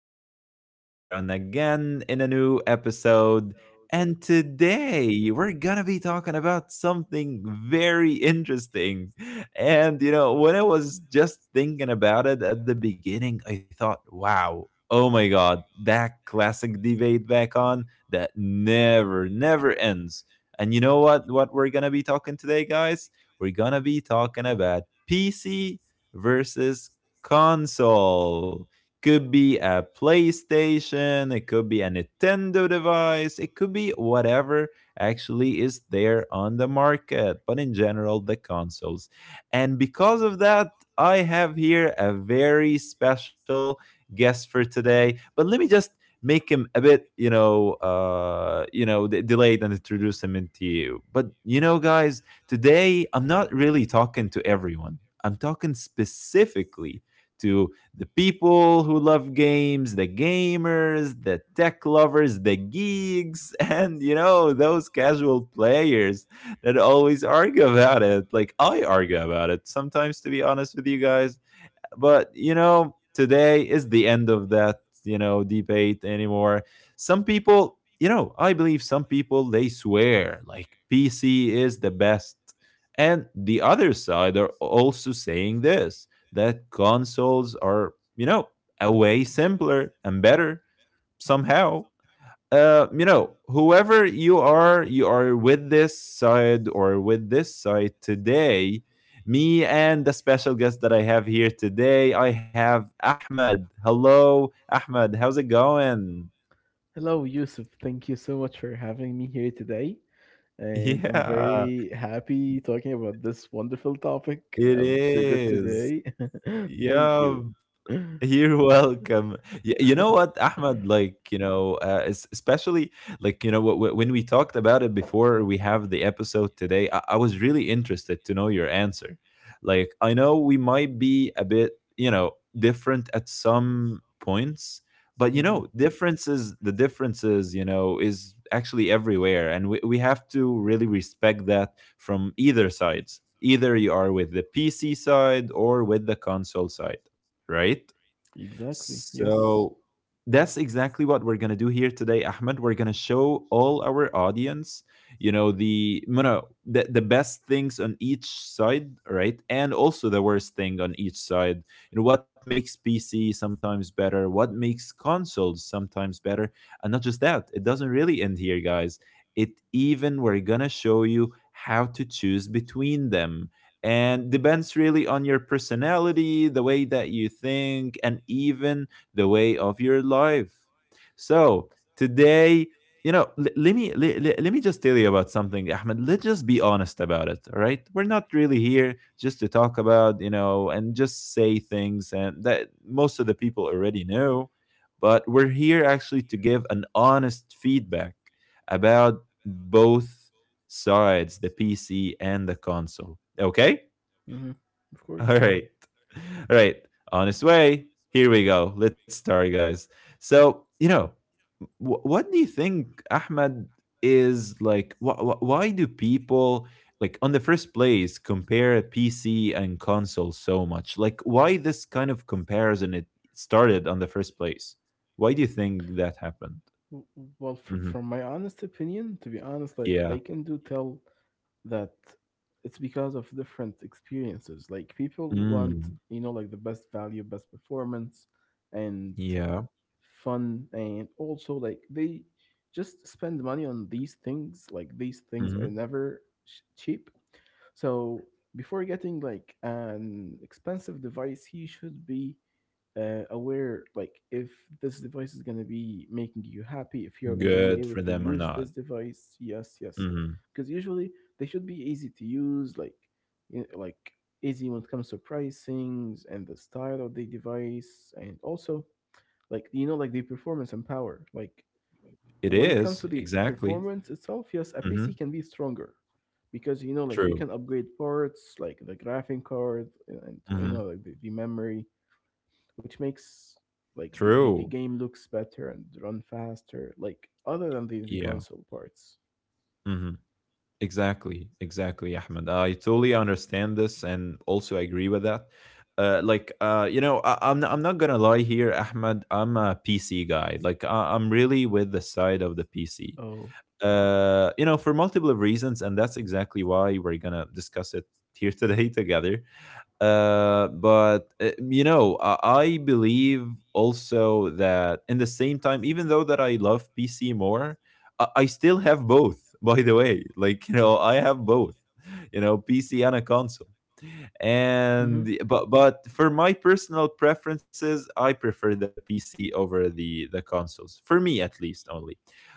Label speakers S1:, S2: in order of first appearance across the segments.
S1: Yusuf back here on again in a new episode. And today we're gonna be talking about something very interesting. And you know, when I was just thinking about it at the beginning, I thought, wow, oh my god, that classic debate back on that never ends. And you know what? What we're gonna be talking today, guys? We're gonna be talking about PC versus console. Could be a PlayStation, it could be a Nintendo device, it could be whatever actually is there on the market, but in general, the consoles. And because of that, I have here a very special guest for today. But let me just make him a bit, you know, delayed and introduce him into you. But you know, guys, today I'm not really talking to everyone. I'm talking specifically to the people who love games, the gamers, the tech lovers, the geeks, and you know, those casual players that always argue about it. Like I argue about it. Sometimes to be honest with you guys, but you know, today is the end of that, you know, debate anymore. Some people, you know, I believe some people they swear like PC is the best. And the other side are also saying this that consoles are, you know, a way simpler and better somehow you know, whoever you are with this side or with this side today. Me and the special guest that I have here today, I have Ahmed. Hello, Ahmed. How's it going?
S2: Hello, Yusuf. Thank you so much for having me here today. And I'm
S1: Yeah,
S2: very happy talking about this wonderful topic.
S1: it
S2: I'm so good
S1: is.
S2: today. Thank you.
S1: Yeah, you're welcome. You know what, Ahmed? Like, you know, especially like, you know, when we talked about it before we have the episode today, I was really interested to know your answer. Like, I know we might be a bit, you know, different at some points, but, you know,
S2: Mhm.
S1: differences, the differences, you know, is actually everywhere. And we have to really respect that from either sides. Either you are with the PC side or with the console side, right?
S2: Exactly.
S1: So
S2: Yes.
S1: that's exactly what we're going to do here today, Ahmed. We're going to show all our audience, you know, the best things on each side, right? And also the worst thing on each side. You know, what makes PC sometimes better, what makes consoles sometimes better. And not just that, it doesn't really end here, guys. It even, we're going to show you how to choose between them and depends really on your personality, the way that you think and even the way of your life. So today, you know, let me just tell you about something, Ahmed. Let's just be honest about it, all right? We're not really here just to talk about, you know, and just say things and that most of the people already know, but we're here actually to give an honest feedback about both sides, the PC and the console. Okay?
S2: Hmm. Of
S1: All
S2: course.
S1: right. All right. On its way. Here we go. Let's start, guys. So, you know, what do you think, Ahmed, is like, why do people, like, on the first place, compare PC and console so much? Like, why this kind of comparison it started on the first place? Why do you think that happened?
S2: W- Well, fr-
S1: hmm
S2: from my honest opinion, to be honest, like
S1: Yeah.
S2: I can do tell that it's because of different experiences. Like people want,
S1: Mm.
S2: like the best value, best performance, and
S1: Yeah.
S2: fun, and also like they just spend money on these things. Like these things are
S1: hmm
S2: never cheap. So before getting like an expensive device, he should be aware, like, if this device is going to be making you happy, if you're going to
S1: Good
S2: be
S1: for
S2: able to
S1: them or
S2: use
S1: not.
S2: this device, yes, yes,
S1: Mhm.
S2: because usually they should be easy to use, like, like easy when it comes to pricings and the style of the device, and also like like the performance and power, like
S1: It
S2: when it comes
S1: is,
S2: to the
S1: exactly.
S2: performance itself, yes, a
S1: Mhm.
S2: PC can be stronger, because like you
S1: True.
S2: can upgrade parts like the graphing card, and
S1: Mhm.
S2: like the memory, which makes like the
S1: True.
S2: game looks better and run faster. Like other than the
S1: Yeah.
S2: console parts.
S1: Mhm. Exactly, exactly, Ahmed. I totally understand this and also agree with that. Like, you know, I'm not gonna lie here, Ahmed. I'm a PC guy. Like, I'm really with the side of the PC.
S2: Oh.
S1: You know, for multiple reasons, and that's exactly why we're gonna discuss it here today together. But you know, I believe also that in the same time, even though that I love PC more, I still have both. By the way, like you know, I have both. You know, PC and a console.
S2: Mm-hmm. Of
S1: And but for my personal preferences, I prefer the PC over the consoles. For me, at least, only.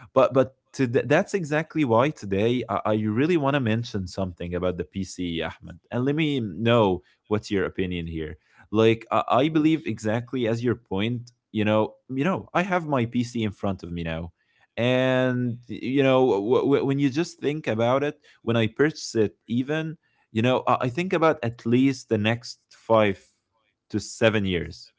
S1: That's exactly why today I really want to mention something about the PCE, Ahmed. And let me know what's your opinion here. Like I believe
S2: course.
S1: exactly as your point. You know, I have my PC in front of me now. And you know, when you just think about it, when I purchase it, even you know, I think about at least the next 5 to 7 years.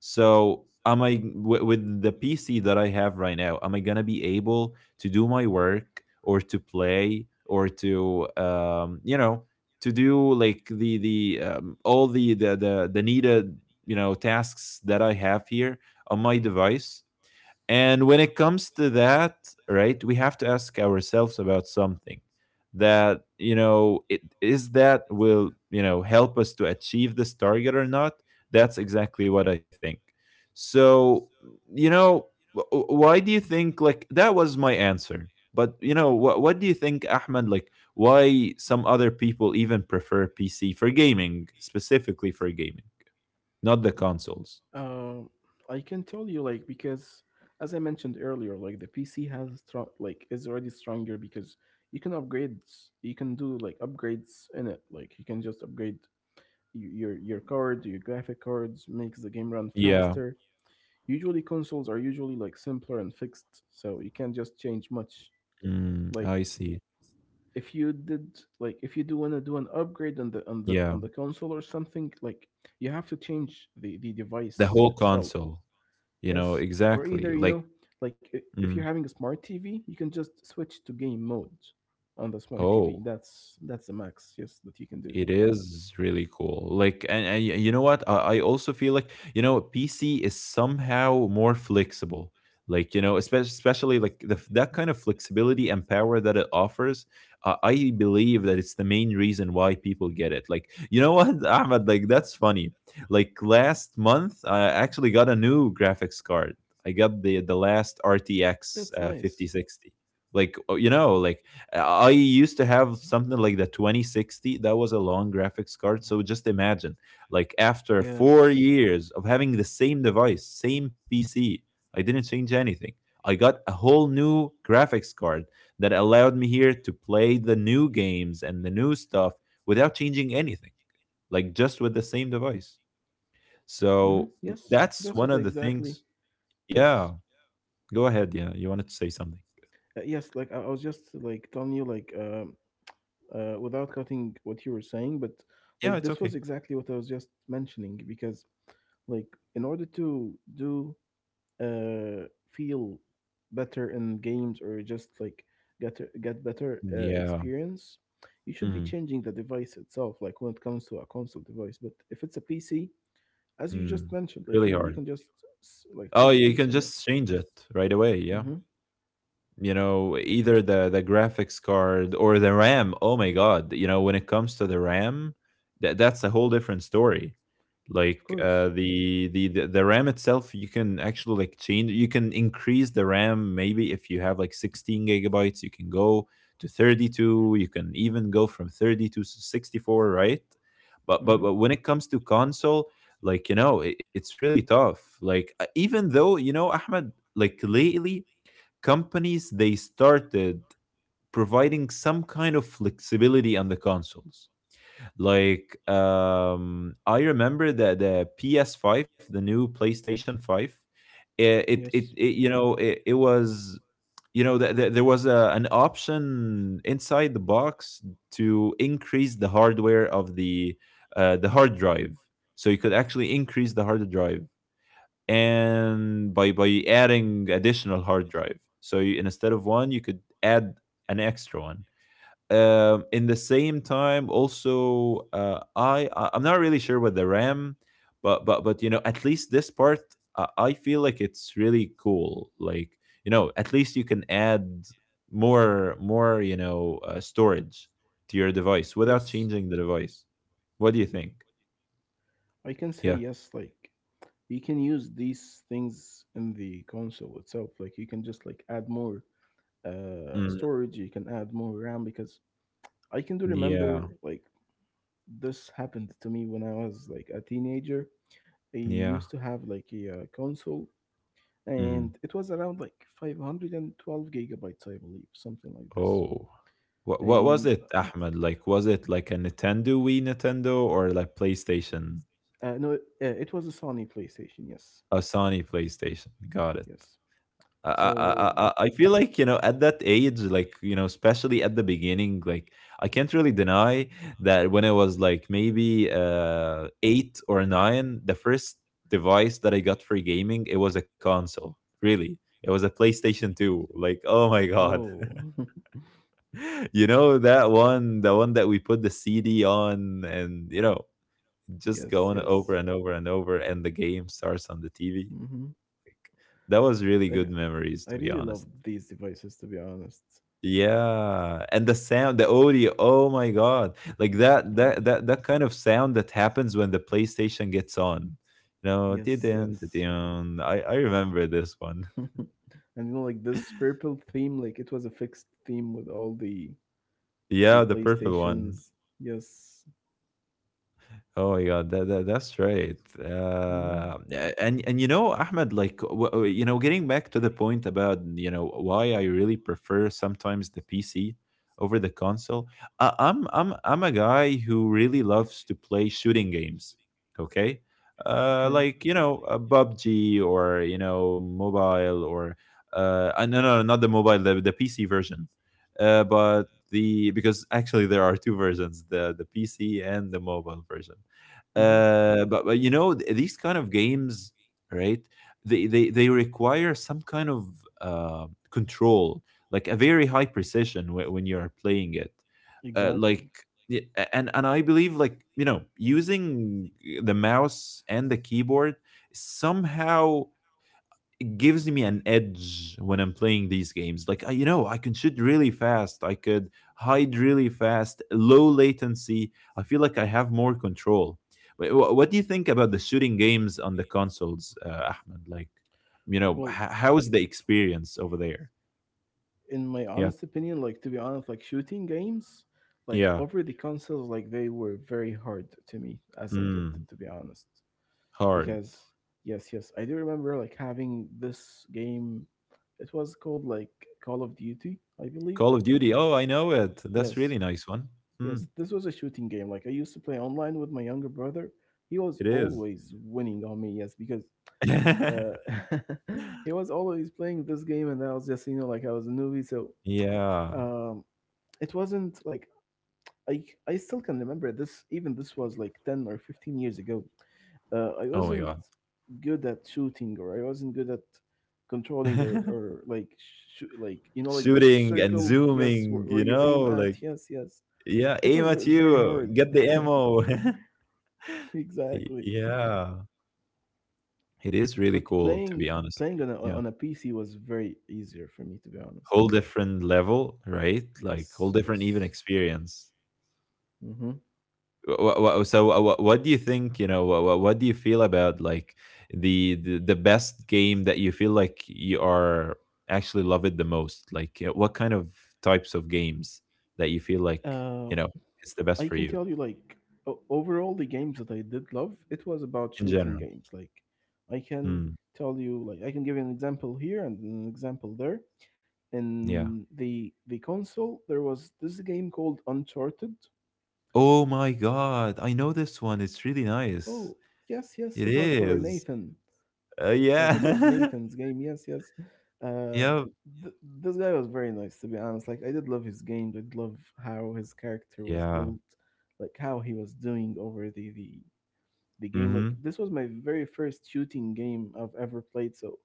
S1: So am I with the PC that I have right now? Am I gonna be able to do my work or to play or to, you know, to do like the all the needed, you know, tasks that I have here on my device? And when it comes to that, right, we have to ask ourselves about something that, you know, it is that will, you know, help us to achieve this target or not? That's exactly what I think. So, you know, why do you think, like, that was my answer? But, you know, what do you think, Ahmed, like, why some other people even prefer PC for gaming, specifically for gaming, not the consoles?
S2: Uh, I can tell you, like, because as I mentioned earlier, like the PC has strong, like is already stronger, because you can upgrade you can do like upgrades in it. Like you can just upgrade your card, your graphic cards, makes the game run
S1: Yeah.
S2: faster. Usually consoles are usually like simpler and fixed, so you can't just change much.
S1: Mm, I
S2: Like
S1: see.
S2: if you do want to do an upgrade on
S1: Yeah.
S2: the console or something, like you have to change the
S1: The
S2: device
S1: whole
S2: itself.
S1: console, you know,
S2: Yes, or
S1: exactly.
S2: either
S1: Like,
S2: like if you're
S1: mm,
S2: having a smart TV, you can just switch to game mode on the smart TV.
S1: oh.
S2: That's the max, yes, that you can do.
S1: It is really cool. Like, and, you know what? I also feel like, you know, PC is somehow more flexible. Like, you know, especially like that kind of flexibility and power that it offers. I believe that it's the main reason why people get it. Like, you know what, Ahmed? Like, that's funny. Like, last month, I actually got a new graphics card. I got the last RTX
S2: That's nice.
S1: 5060. Like, oh, you know, like, I used to have something like the 2060. That was a long graphics card. So just imagine, like after four
S2: Yes.
S1: years of having the same device, same PC, I didn't change anything. I got a whole new graphics card that allowed me here to play the new games and the new stuff without changing anything, like just with the same device.
S2: Hmm.
S1: So
S2: Yes,
S1: that's
S2: that's
S1: one
S2: what
S1: of the
S2: exactly.
S1: things. Yeah,
S2: Yes,
S1: go ahead. Yeah, you wanted to say something.
S2: yes. Like I was just like telling you, like, without cutting what you were saying, but
S1: Yeah,
S2: like
S1: it's
S2: this
S1: okay.
S2: was exactly what I was just mentioning because, like, in order to do uh feel better in games, or just like get better
S1: Yeah.
S2: experience, you should be
S1: Mm.
S2: changing the device itself, like when it comes to a console device, but if it's a PC, as you just
S1: Mm,
S2: mentioned, like
S1: really
S2: you can you
S1: hard.
S2: can just like
S1: Oh,
S2: change a
S1: you can
S2: piece in it.
S1: just change it right away, yeah,
S2: Mm-hmm.
S1: you know, either the graphics card or the RAM. Oh my god, you know, when it comes to the RAM, that that's a whole different story.
S2: Of
S1: Like, uh,
S2: course.
S1: the, the RAM itself, you can actually like change. You can increase the RAM. Maybe if you have like 16 gigabytes, you can go to 32. You can even go from 32 to 64, right? but but
S2: Mm-hmm.
S1: but when it comes to console, like, you know, it's really tough. Like, even though, you know, Ahmed, like lately companies they started providing some kind of flexibility on the consoles. Like, um, I remember that the PS5, the new PlayStation 5, eh,
S2: Yes.
S1: it, you know, it was, you know, there was a, an option inside the box to increase the hardware of the, the hard drive. So you could actually increase the hard drive, and by adding additional hard drive, so you, instead of one, you could add an extra one. Um, in the same time also, I am not really sure with the RAM, but you know, at least this part, I feel like it's really cool. Like, you know, at least you can add more, you know, storage to your device without
S2: Yes.
S1: changing the device. What do you think?
S2: I can say
S1: Yeah.
S2: yes. Like you can use these things in the console itself. Like you can just like add more
S1: Mm,
S2: storage. You can add more RAM, because I can do
S1: yeah,
S2: remember like this happened to me when I was like a teenager. I
S1: yeah.
S2: used to have like a console,
S1: Mm.
S2: and it was around like 512 gigabytes, I believe, something like this.
S1: Oh. What was
S2: And
S1: it, Ahmed? Like was it like a Nintendo Wii, Nintendo, or like PlayStation?
S2: no, it was a Sony PlayStation, yes,
S1: A Sony PlayStation. Got it.
S2: yes. So.
S1: I feel like, you know, at that age, like, you know, especially at the beginning, like I can't really deny that when I was like maybe, uh, eight or nine, the first device that I got for gaming, it was a console. Really. It was a PlayStation 2. Like, oh my god.
S2: Oh.
S1: You know that one, the one that we put the CD on, and you know, just
S2: Yes,
S1: going
S2: yes.
S1: over and over and over, and the game starts on the TV.
S2: Hmm.
S1: Like, that was really good
S2: I, re-
S1: memories, to
S2: I
S1: be
S2: really
S1: honest.
S2: love these devices, to be honest,
S1: Yeah, and the sound, the audio, oh my god, like that that that, that kind of sound that happens when the PlayStation gets on, you know,
S2: yes,
S1: didn't,
S2: yes.
S1: I remember this one.
S2: And like this purple theme, like it was a fixed theme with all the
S1: Yeah,
S2: the
S1: the purple one.
S2: PlayStations. Yes.
S1: Oh my God, that, that that's right.
S2: Hmm.
S1: And you know, Ahmed, like you know, getting back to the point about you know why I really prefer sometimes the PC over the console. I'm a guy who really loves to play shooting games. Okay,
S2: Okay.
S1: like you know, a PUBG, or you know, mobile, or no, not the mobile, the PC version, but the because actually there are two versions, the PC and the mobile version.
S2: Hmm.
S1: But you know, these kind of games, right? They require some kind of control, like a very high precision when you are playing it. Uh,
S2: Exactly.
S1: like y- a- and and I believe like you know using the mouse and the keyboard somehow gives me an edge when I'm playing these games. Like, I, you know, I can shoot really fast, I could hide really fast, low latency. I feel like I have more control. What do you think about the shooting games on the consoles, Ahmed? Like, you know,
S2: Well,
S1: how's the experience over there?
S2: in my
S1: Yeah.
S2: honest opinion, like, to be honest, like shooting games, like
S1: Yeah.
S2: over the consoles, like they were very hard to me as a kid,
S1: Mm,
S2: to be honest.
S1: hard.
S2: Because yes, yes, I do remember like having this game. It was called like Call of Duty, I believe.
S1: Call of Duty. Oh, I know it. That's
S2: Yes,
S1: really nice one.
S2: yes,
S1: Mm,
S2: this was a shooting game. Like I used to play online with my younger brother. He was
S1: it is.
S2: always winning on me. Yes, because. Uh, he was always playing this game, and I was just, like, I was a newbie, so
S1: yeah.
S2: um, it wasn't like I still can remember this. Even this was like 10 or 15 years ago. I
S1: Oh my
S2: wasn't
S1: god.
S2: good at shooting, or I wasn't good at controlling, or like, like, like, this
S1: Shooting and
S2: circle. Yes,
S1: zooming,
S2: where
S1: you
S2: you
S1: know,
S2: aim at.
S1: like
S2: Yes, yes.
S1: yeah,
S2: It
S1: aim
S2: was
S1: at
S2: very
S1: you,
S2: hard.
S1: get the ammo.
S2: Exactly.
S1: Yeah, it is really
S2: But
S1: cool to be honest
S2: playing
S1: with you. Yeah,
S2: on a PC was very easier for me, to be honest.
S1: whole different level, right? Like whole
S2: Yes,
S1: different even
S2: yes.
S1: experience.
S2: Mm-hmm.
S1: So what do you think? You know, what do you feel about like the best game that you feel like you are actually love it the most? Like, what kind of types of games that you feel like
S2: Uh,
S1: you know it's the best
S2: I
S1: for
S2: can
S1: you
S2: tell you, like, overall, the games that I did love, it was about
S1: in
S2: shooting
S1: general?
S2: games. Like, I can
S1: Hmm.
S2: tell you, like, I can give you an example here and an example there.
S1: Yeah.
S2: In the console, there was this game called Uncharted.
S1: Oh my god, I know this one, it's really nice.
S2: Oh, yes, yes,
S1: It
S2: it was for
S1: is.
S2: Nathan. Like it was
S1: Yeah.
S2: Nathan's game. Yes, yes. Uh,
S1: Yep.
S2: th- this guy was very nice, to be honest. Like I did love his game. I did love how his character was
S1: Yeah.
S2: built, like how he was doing over the game. Like
S1: Mhm.
S2: this was my very first shooting game I've ever played. So,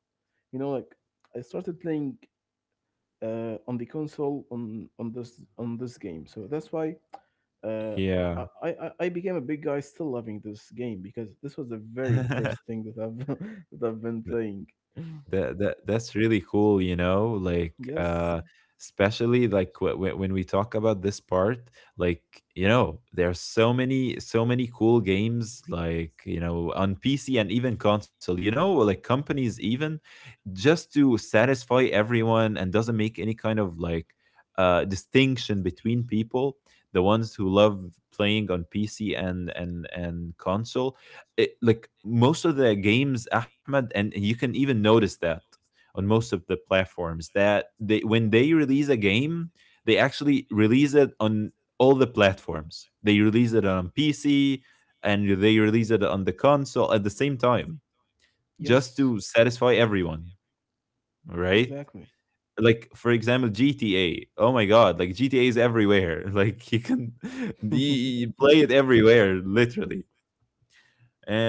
S2: like, I started playing on the console on this game. So that's why uh, I,
S1: Yeah.
S2: I I I became a big guy, still loving this game, because this was the very first thing that I've that I've been playing.
S1: That's really
S2: That's
S1: cool, you
S2: really
S1: know?
S2: cool,
S1: Like
S2: you know, yes,
S1: especially like when we talk about this part, like, you know, there are so many cool games like, you know, on PC and even console, you know, like companies even just to satisfy everyone and doesn't make any kind of like distinction between people, the ones who love playing on PC and console. Like most of the games, Ahmed, and you can even notice that on most of the platforms, that they when they release a game, they actually release it on all the platforms. They release it on PC and they release it on the console at the same time, just
S2: yes,
S1: to
S2: just to
S1: satisfy everyone, right?
S2: satisfy everyone, exactly,
S1: Like for example, GTA. Oh my god, like GTA is everywhere. Like you can
S2: right?
S1: you play it everywhere, literally.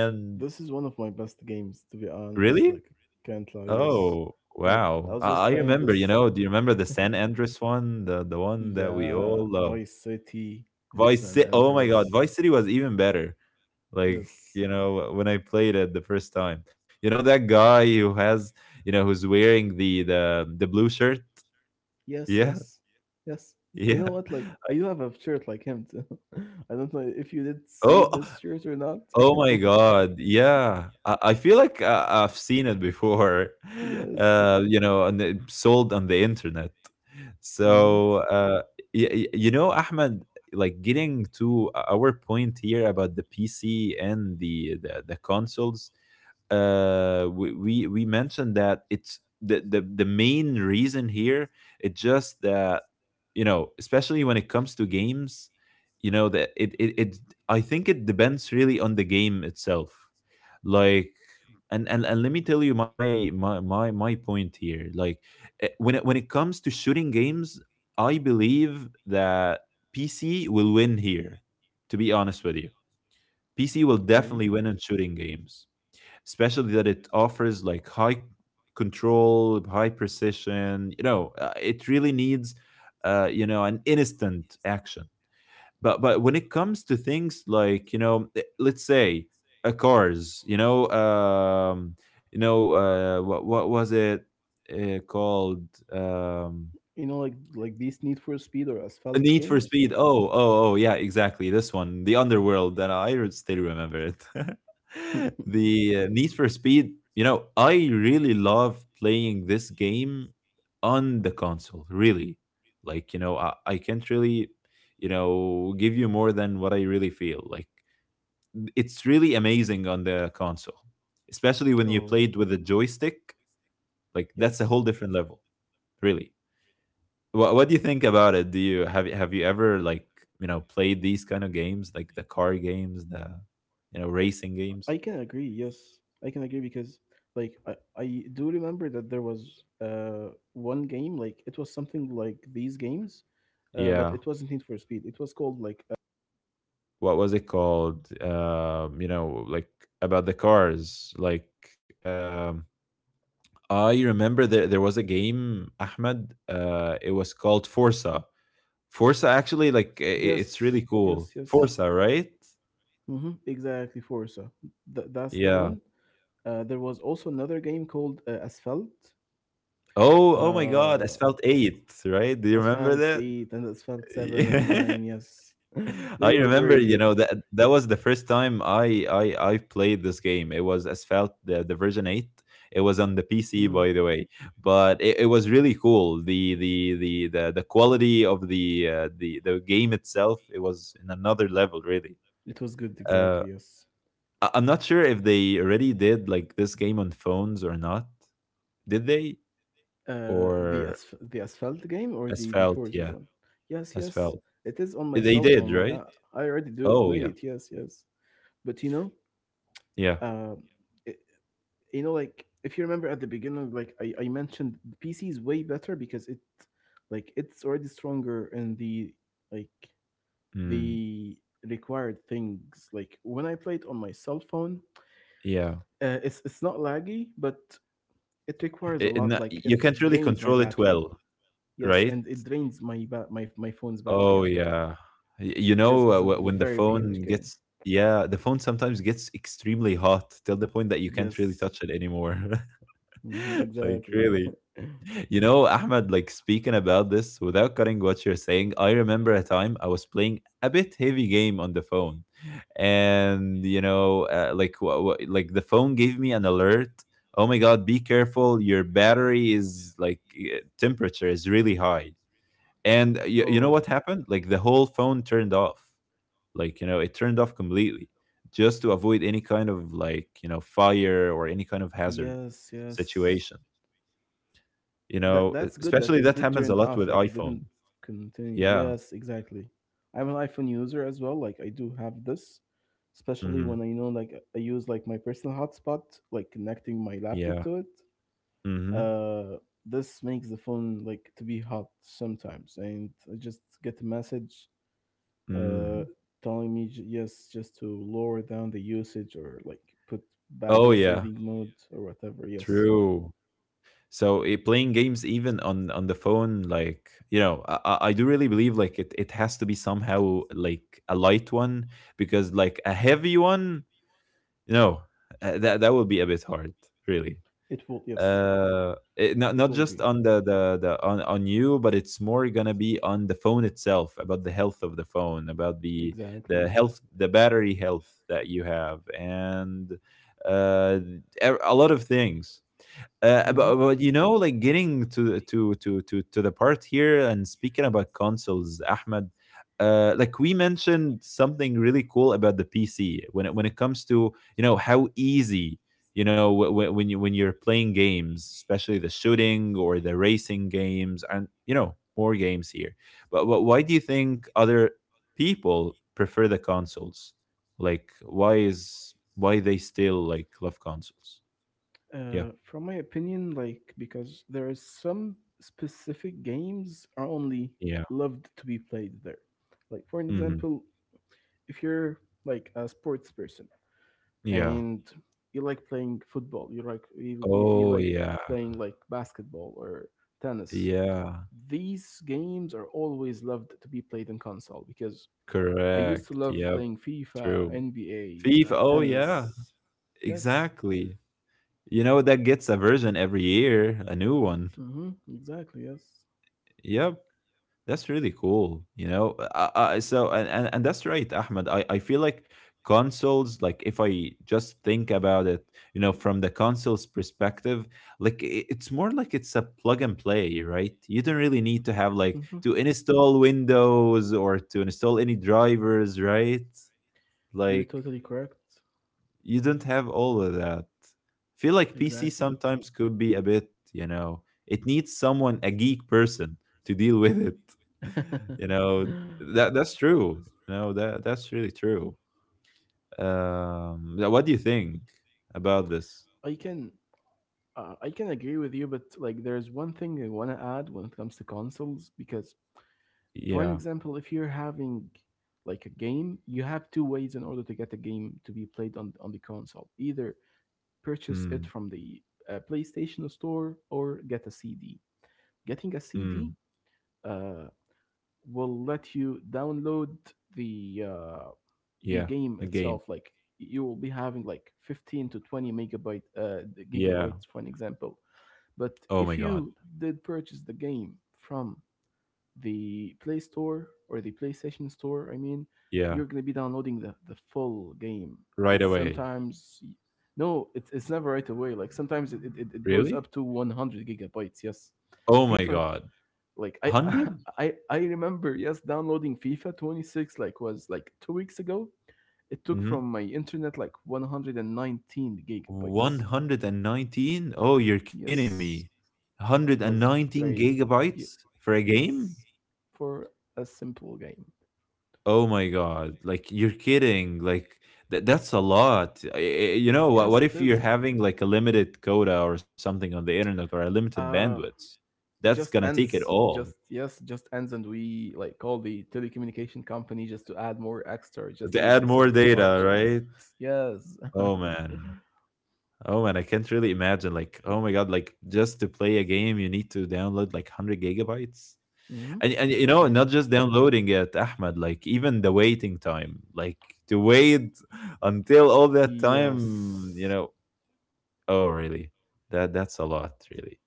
S2: This is one of my best games, to be honest.
S1: really?
S2: Like, really? Can't lie, yes.
S1: Oh
S2: Oh, like, I
S1: wow!
S2: was just
S1: I
S2: playing, I
S1: remember. You
S2: this,
S1: know? Do you remember the
S2: remember,
S1: San Andreas one? The one that we
S2: yeah,
S1: all love.
S2: Vice City,
S1: Vice
S2: San Vice City.
S1: City.
S2: Oh,
S1: Oh my god,
S2: Andreas.
S1: Vice City was even better.
S2: My God, Vice City was even better.
S1: Like
S2: Yes.
S1: you
S2: Like,
S1: know when I played it the first time. You know that guy who has you know who's wearing the blue shirt.
S2: yes,
S1: Yeah,
S2: yes, yeah, yes. You
S1: yeah.
S2: know what? Like, I do have a shirt like him too. I don't know if you did see
S1: Oh,
S2: this shirt or not.
S1: Oh my God. Yeah. I feel like I've seen it before,
S2: Yes.
S1: you know, and it sold on the internet.
S2: Mm-hmm.
S1: So, you know, Ahmed, like getting to our point here about the PC and the consoles, we mentioned that it's the main reason here. It's just that you know, especially when it comes to games, you know that it I think it depends really on the game itself. Like and let me tell you my point here. Like when it comes to shooting games, I believe that PC will win here. To be honest with you, PC will definitely
S2: Okay.
S1: win in shooting games, especially that it offers like high control, high precision. You know, it really needs you know an instant action. But when it comes to things like you know let's say cars, you know what was it called um
S2: You know, like these Need for Speed or
S1: a
S2: Asphalt
S1: Need for
S2: games.
S1: Speed. Oh oh oh yeah, exactly, this one, the Underworld, that still remember it. The Need for Speed, you know, I really love playing this game on the console, really. Like you know I can't really you know give you more than what I really feel like. It's really amazing on the console, especially when you
S2: Oh.
S1: played with a joystick. Like that's a whole
S2: Yes.
S1: different level, really. What do you think about it? Do you Have you ever like you know played these kind of games, like the car games, the you know
S2: I
S1: racing
S2: can agree.
S1: games?
S2: Yes, I can agree because like I do remember that there was one game, like it was something like these games, but it
S1: Yeah,
S2: wasn't Need for Speed. It was called like
S1: what was it called? You know, like about the cars. Like um, I remember there was a game, Ahmed. It was called Forza. Forza actually like I- It's
S2: yes,
S1: really
S2: yes,
S1: cool.
S2: yes.
S1: Forza, right?
S2: Hmm. Exactly, Forza. That's the
S1: Yeah.
S2: one. There was also another game called Asphalt.
S1: Oh, oh my God,
S2: Uh,
S1: Asphalt 8, right? Do you remember
S2: Asphalt
S1: that?
S2: 8 and Asphalt 7 and
S1: Yeah.
S2: 9, yes. They
S1: I
S2: were
S1: remember,
S2: very
S1: you
S2: good.
S1: know, that that was the first time I played this game. It was Asphalt the version 8. It was on the PC
S2: Mhm.
S1: by the way, but it was really cool. The quality of the the game itself, it was in another level really.
S2: It was good,
S1: Uh
S2: exactly, yes.
S1: I'm not sure if they already did like this game on phones or not. Did they?
S2: The
S1: Or
S2: Asphalt game, or the
S1: Asphalt?
S2: Forza
S1: Yeah,
S2: one? Yes, yes.
S1: Asphalt.
S2: It is on my
S1: They
S2: cell
S1: did,
S2: phone. Like,
S1: right?
S2: I already do
S1: Oh
S2: play
S1: yeah,
S2: it, yes, yes. But, you know,
S1: yeah,
S2: uh, it, like, if you remember at the beginning, like, I mentioned, the PC is way better because it like, it's already stronger in like
S1: mm,
S2: the required things, like when I play it on my cell phone,
S1: yeah.
S2: it's not laggy, but it requires a lot, like it
S1: You can't really
S2: drains my
S1: control it
S2: battery,
S1: well,
S2: yes,
S1: right?
S2: and it drains my phone's battery
S1: Oh
S2: as well,
S1: yeah. You know
S2: because it's a
S1: when the
S2: very huge
S1: phone
S2: game,
S1: gets yeah, the phone sometimes gets extremely hot till the point that you can't really
S2: yes.
S1: touch it anymore.
S2: Hmm.
S1: Like
S2: Exactly.
S1: really. You know, Ahmed, like speaking about this, without cutting what you're saying, I remember a time I was playing a bit heavy game on the phone, and you know, like the phone gave me an alert. Oh my God, be careful! Your battery is like temperature is really high, and you know
S2: Oh,
S1: what happened? Like the whole phone turned off. Like you know, it turned off completely just to avoid any kind of like you know fire or any kind of hazard
S2: yes, yes.
S1: situation, you know,
S2: That that's good that
S1: especially
S2: it
S1: that
S2: did
S1: happens a
S2: turn
S1: lot with
S2: off, like it
S1: iPhone.
S2: didn't continue.
S1: Yeah.
S2: Yes, exactly. I'm an iPhone user as well. Like I do have this, especially
S1: Hmm.
S2: when I know, like, I use like my personal hotspot, like connecting my laptop
S1: Yeah.
S2: to it.
S1: Hmm.
S2: Uh, this makes the phone like to be hot sometimes, and I just get a message,
S1: Mm.
S2: uh, telling me, yes, just to lower down the usage, or like put
S1: Oh
S2: battery
S1: yeah,
S2: saving mode or whatever, yes,
S1: true. So playing games even on the phone, like you know, I do really believe like it has to be somehow like a light one, because like a heavy one, no, that would be a bit hard, really.
S2: it will, yes,
S1: Not
S2: it
S1: not
S2: will
S1: just
S2: be,
S1: on the on you, but it's more gonna be on the phone itself, about the health of the phone, about the
S2: exactly.
S1: health, the battery health that you have, and uh e- a lot of things. uh, but,
S2: Hmm.
S1: but you know, like getting to the part here and speaking about consoles, Ahmed. Like we mentioned something really cool about the PC when it comes to you know how easy, you know when you when you're playing games, especially the shooting or the racing games, and you know more games here. But why do you think other people prefer the consoles? Like why is why they still like love consoles? Yeah,
S2: From my opinion, like because there are some specific games are only loved to be played there, like, for an
S1: yeah.
S2: example, if you're like a sports person,
S1: Yeah.
S2: and you like playing football, you like
S1: Oh, yeah.
S2: playing like basketball or tennis,
S1: Yeah.
S2: these games are always loved to be played in console, because I used to
S1: Correct.
S2: love
S1: Yep.
S2: playing FIFA,
S1: True.
S2: NBA,
S1: Thief. Oh, yeah.
S2: tennis, yes.
S1: Exactly. You know, that gets a version every year, a new one.
S2: Mm-hmm. Exactly. Yes.
S1: Yep. That's really cool, you know. So and that's right, Ahmed. I feel like consoles, like if I just think about it, you know, from the console's perspective, like it's more like it's a plug and play, right? You don't really need to have like
S2: Mm-hmm.
S1: to install Windows or to install any drivers, right?
S2: You're
S1: Like
S2: totally correct.
S1: you don't have all of that. Feel like PC
S2: Exactly.
S1: sometimes could be a bit, you know, it needs someone, a geek person, to deal with it. You know, that's true. You know, that's really true. Yeah, what do you think about this?
S2: I can I can agree with you, but like there's one thing I want to add when it comes to consoles, because,
S1: Yeah.
S2: for an example, if you're having like a game, you have two ways in order to get a game to be played on the console. Either purchase it
S1: Mm,
S2: from the PlayStation store, or get a CD. Getting a
S1: mm,
S2: CD, uh, will let you download the uh, the
S1: yeah.
S2: game
S1: The game.
S2: itself. Like you will be having like 15 to 20 megabyte,
S1: Yeah.
S2: gigabytes, for an example, but
S1: Oh my
S2: if
S1: god.
S2: you did purchase the game from the Play Store, or the PlayStation Store, I mean,
S1: Yeah.
S2: you're gonna be downloading the full game. It's
S1: Right away.
S2: sometimes, no, it's never right away. Like sometimes it goes up
S1: Really?
S2: to 100 gigabytes. Yes,
S1: Oh my
S2: FIFA.
S1: god.
S2: Like I
S1: 100?
S2: I remember, yes, downloading FIFA 26 like was like 2 weeks ago. It took from my internet like 119 gigabytes.
S1: 119? Oh, you're kidding
S2: Yes,
S1: me.
S2: it was
S1: 119
S2: very.
S1: gigabytes for a game?
S2: Yes, for a simple game.
S1: Oh my god. Like you're kidding. Like that that's a lot. You know,
S2: Yes,
S1: what
S2: it
S1: if you're
S2: is.
S1: having like a limited quota or something on the internet or a limited
S2: Uh,
S1: bandwidth?
S2: it
S1: That's going
S2: just
S1: to take it
S2: ends. It
S1: all.
S2: Just yes, it just ends, and we like call the telecommunication company, just to add more extra.
S1: To
S2: Just use
S1: add
S2: the
S1: more
S2: self-help
S1: data,
S2: options.
S1: right?
S2: Yes.
S1: Oh man. Oh man, I can't really imagine like oh my god, like just to play a game you need to download like 100 gigabytes.
S2: Hmm.
S1: And you know, not
S2: And
S1: just downloading it, Ahmed, like even the waiting time, like to wait until all that time,
S2: yes.
S1: oh really? That's a lot, really.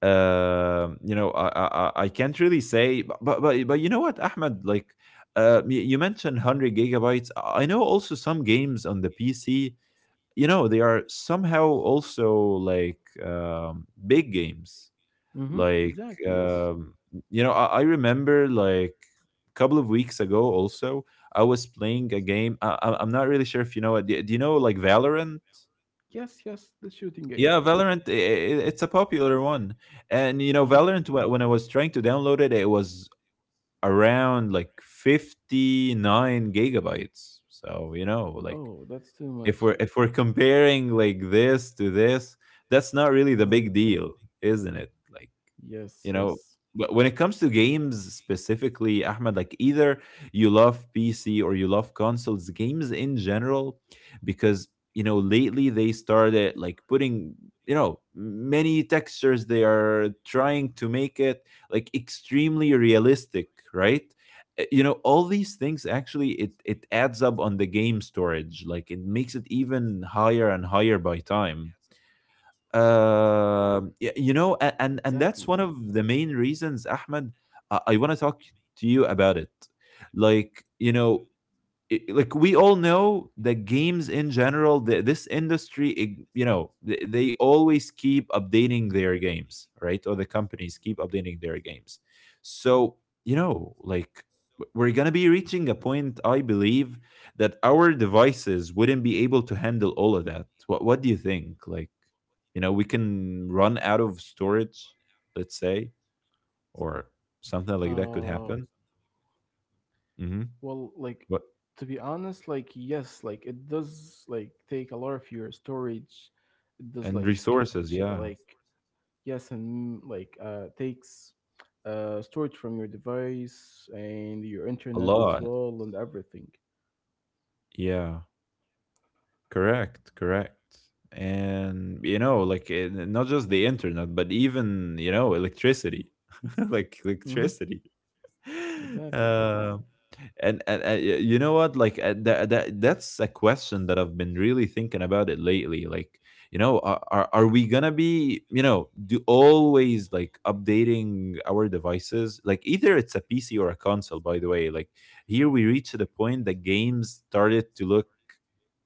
S1: You know, I can't really say, but, but you know what, Ahmed, like you mentioned 100 gigabytes. I know also some games on the PC, you know, they are somehow also like big games,
S2: Mm-hmm.
S1: like,
S2: Exactly. Yes.
S1: um, you know, I remember, like a couple of weeks ago also, I was playing a game. I'm not really sure if you know it. Do you know like Valorant?
S2: Yes. Yes. The shooting
S1: Yeah,
S2: game.
S1: Valorant, it's a popular one. And, you know,
S2: Uh huh.
S1: Valorant, when I was trying to download it, it was around like 59 gigabytes. So, you know, like,
S2: Oh, that's too much.
S1: if we're comparing like this to this, that's not really the big
S2: Uh huh.
S1: deal, isn't it? Like, you know,
S2: Yes. Yes.
S1: but when it comes to games specifically, Ahmed, like either you love PC or you love consoles games in general, because you know lately they started like putting, you know, many textures. They are trying to make it like extremely realistic, right? You know, all these things actually, it adds up on the game storage. Like, it makes it even higher and higher by time. You know, a- and
S2: Exactly.
S1: and that's one of the main reasons, Ahmed, I want to talk to you about it. Like, you know, like we all know that games in general, this industry, you know, they always keep updating their games, right? Or the companies keep updating their games. So, you know, like, we're going to be reaching a point, I believe, that our devices wouldn't be able to handle all of that. What do you think, like, you know, we can run out of storage, let's say, or something like that could
S2: Uh,
S1: happen? Hmm.
S2: well, like,
S1: What?
S2: to be honest, like yes, like it does like take a lot of your storage. It
S1: And
S2: does like,
S1: resources, yeah.
S2: like, yes, and like takes storage from your device and
S1: A
S2: your
S1: lot.
S2: internet as well and everything.
S1: Yeah, correct, correct. And you know, like, not just the internet, but even, you know, electricity, like electricity.
S2: Mm-hmm.
S1: Uh,
S2: Exactly.
S1: you know what? Like, that that's a question that I've been really thinking about it lately. Like, you know, are we gonna be, you know, do always like updating our devices? Like, either it's a PC or a console. By the way, like, here we reach to the point that games started to look,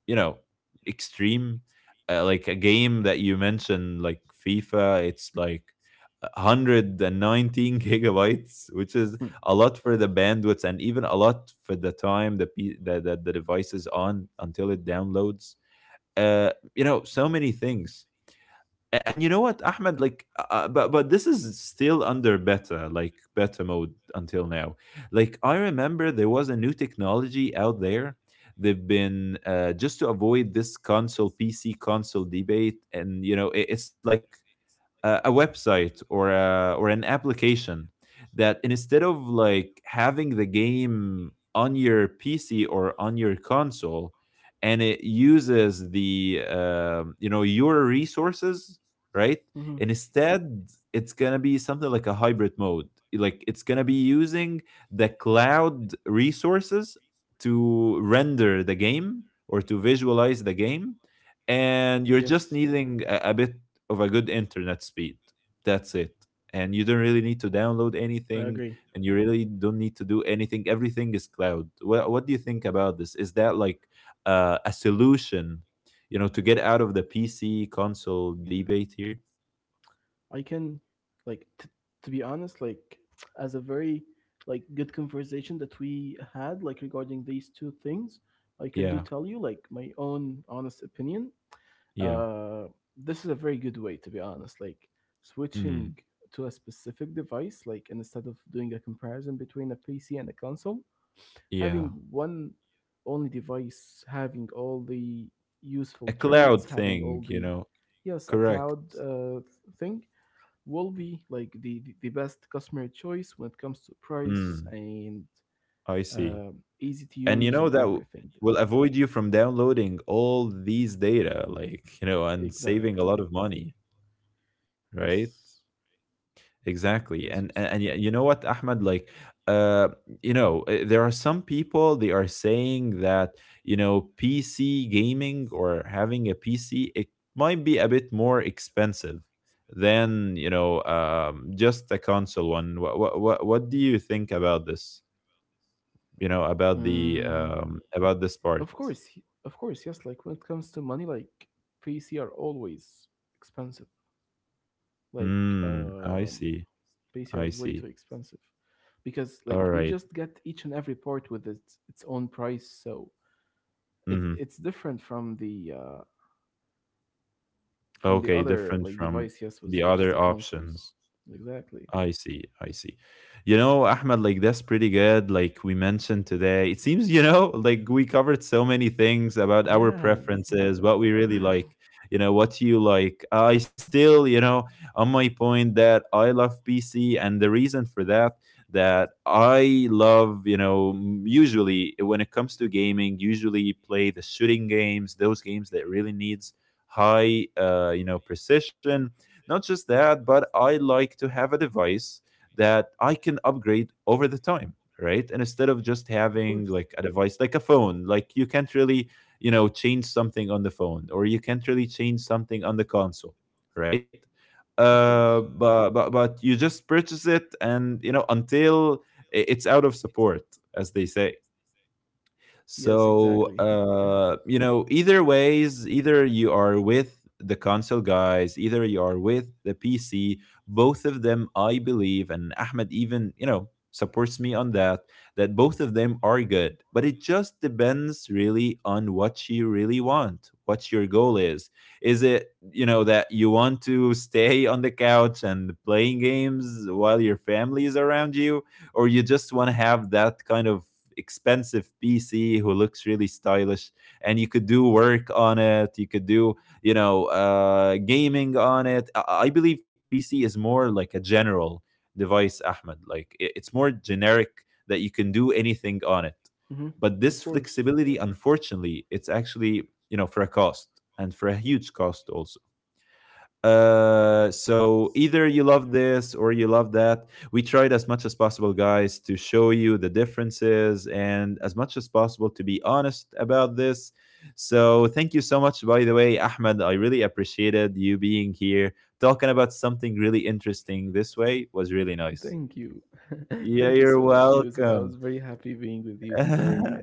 S1: you know, extreme. Like a game that you mentioned like fifa, it's like 119 gigabytes, which is a lot
S2: Hmm.
S1: for the bandwidth and even a lot for the time that the device is on until it downloads you know, so many things. And you know what, Ahmed? Like, but this is still under beta, like beta mode until now. Like, I remember there was a new technology out there. They've been just to avoid this console PC console debate, and you know, it's like a website or an application that, instead of like having the game on your PC or on your console, and it uses the you know, your resources, right? And
S2: Mm-hmm.
S1: instead, it's gonna be something like a hybrid mode. Like, it's gonna be using the cloud resources to render the game or to visualize the game, and you're just
S2: Yes,
S1: needing a bit of a good internet speed. That's it. And you don't really need to
S2: I
S1: download
S2: agree.
S1: anything, and you really don't need to do anything. Everything is cloud. What do you think about this? Is that like a solution, you know, to get out of the PC console debate here?
S2: I can, like, to be honest, like, as a very, like, good conversation that we had, like, regarding these two things, I can do
S1: Yeah.
S2: tell you, like, my own honest opinion.
S1: Yeah.
S2: Uh, this is a very good way, to be honest. Like,
S1: Mm,
S2: switching to a specific device, like, instead of doing a comparison between a PC and a console, having
S1: yeah.
S2: one only device, having all the
S1: A
S2: useful traits,
S1: cloud
S2: having all
S1: thing, you
S2: the,
S1: know.
S2: yes, a
S1: Correct.
S2: cloud, thing will be like the best customer choice when it comes to price
S1: Mm,
S2: and,
S1: I see.
S2: uh, easy to
S1: And you know
S2: use
S1: that
S2: and everything.
S1: will avoid you from downloading all these data, like, you know, and saving a lot
S2: Exactly.
S1: of money, right?
S2: Yes. Yes,
S1: Exactly.
S2: Yusuf.
S1: And you know what, Ahmed, like, uh you know, there are some people, they are saying that, you know, PC gaming or having a PC, it might be a bit more expensive than, you know, just a console one. What do you think about this? You know, about the
S2: Mm.
S1: about this part.
S2: Of course, yes. Like when it comes to money, like PC are always expensive. Like,
S1: Hmm, I
S2: um
S1: see. I
S2: PC are
S1: see.
S2: way too expensive, because
S1: All
S2: like you
S1: right.
S2: just get each and every part with its own price, so it
S1: Mhm.
S2: it's different from the
S1: Okay,
S2: other,
S1: different
S2: like,
S1: from
S2: device, yes, was,
S1: the
S2: which is
S1: other
S2: the consoles,
S1: options.
S2: exactly,
S1: I see. I see. You know, Ahmed, like that's pretty good. Like, we mentioned today, it seems, you know, like we covered so many things about our
S2: yeah.
S1: preferences, what we really like, you know, what you like. I still, you know, on my point that I love PC, and the reason for that, that I love, you know, usually when it comes to gaming, usually you play the shooting games, those games that really needs high, you know, precision. Not just that, but I like to have a device that I can upgrade over the time, right? And instead of just
S2: of
S1: having
S2: course
S1: like a device like a phone, like you can't really, you know, change something on the phone, or you can't really change something on the console, right?
S2: of course
S1: But you just purchase it, and you know, until it's out of support, as they say.
S2: Yes,
S1: So,
S2: exactly.
S1: you know, either ways, either you are with the console guys, either you are with the PC, both of them, I believe, and Ahmed even, you know, supports me on that, that both of them are good. But it just depends really on what you really want, what your goal is. Is it, you know, that you want to stay on the couch and playing games while your family is around you, or you just want to have that kind of expensive PC who looks really stylish, and you could do work on it? You could do, you know, gaming on it. I believe PC is more like a general device, Ahmed. Like, it's more generic that you can do anything on it.
S2: Hmm.
S1: But this
S2: Of course.
S1: flexibility, unfortunately, it's actually, you know, for a cost, and for a huge cost also. So either you love this or you love that. We tried as much as possible, guys, to show you the differences, and as much as possible to be honest about this. So thank you so much, by the way, Ahmed. I really appreciated you being here, talking about something really interesting this way. It was really nice.
S2: Thank you.
S1: Yeah,
S2: Thank you
S1: you're
S2: so much, Yusuf. I was
S1: welcome.
S2: very happy being with you today,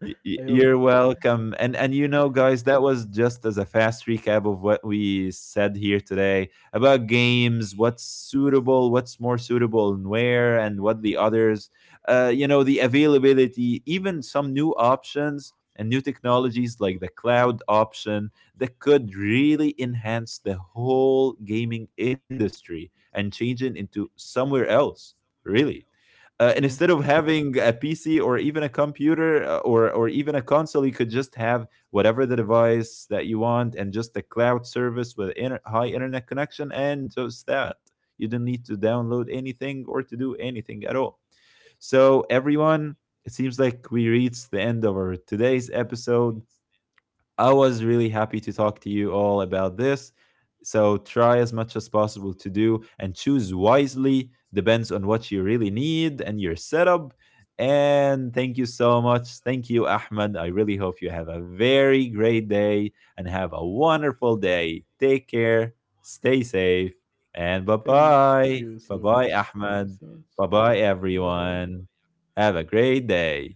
S2: I hope.
S1: You're welcome. And you know, guys, that was just as a fast recap of what we said here today about games, what's suitable, what's more suitable and where, and what the others, you know, the availability, even some new options and new technologies like the cloud option that could really enhance the whole gaming industry and change it into somewhere else. Really
S2: Mhm.
S1: and instead of having a PC or even a computer, or even a console, you could just have whatever the device that you want, and just a cloud service with high internet connection, and just that. You do not need to download anything or to do anything at all. So everyone, it seems like we reached the end of our today's episode. I was really happy to talk to you all about this. So try as much as possible to do and choose wisely, depends on what you really need and your setup. And thank you so much. Thank you, Ahmed. I really hope you have a very great day and have a wonderful day. Take care, stay
S2: Thank you
S1: safe,
S2: so much.
S1: and bye
S2: Thank you so much.
S1: bye. Bye bye,
S2: Bye bye.
S1: Ahmed. Bye bye, everyone. Have a great day.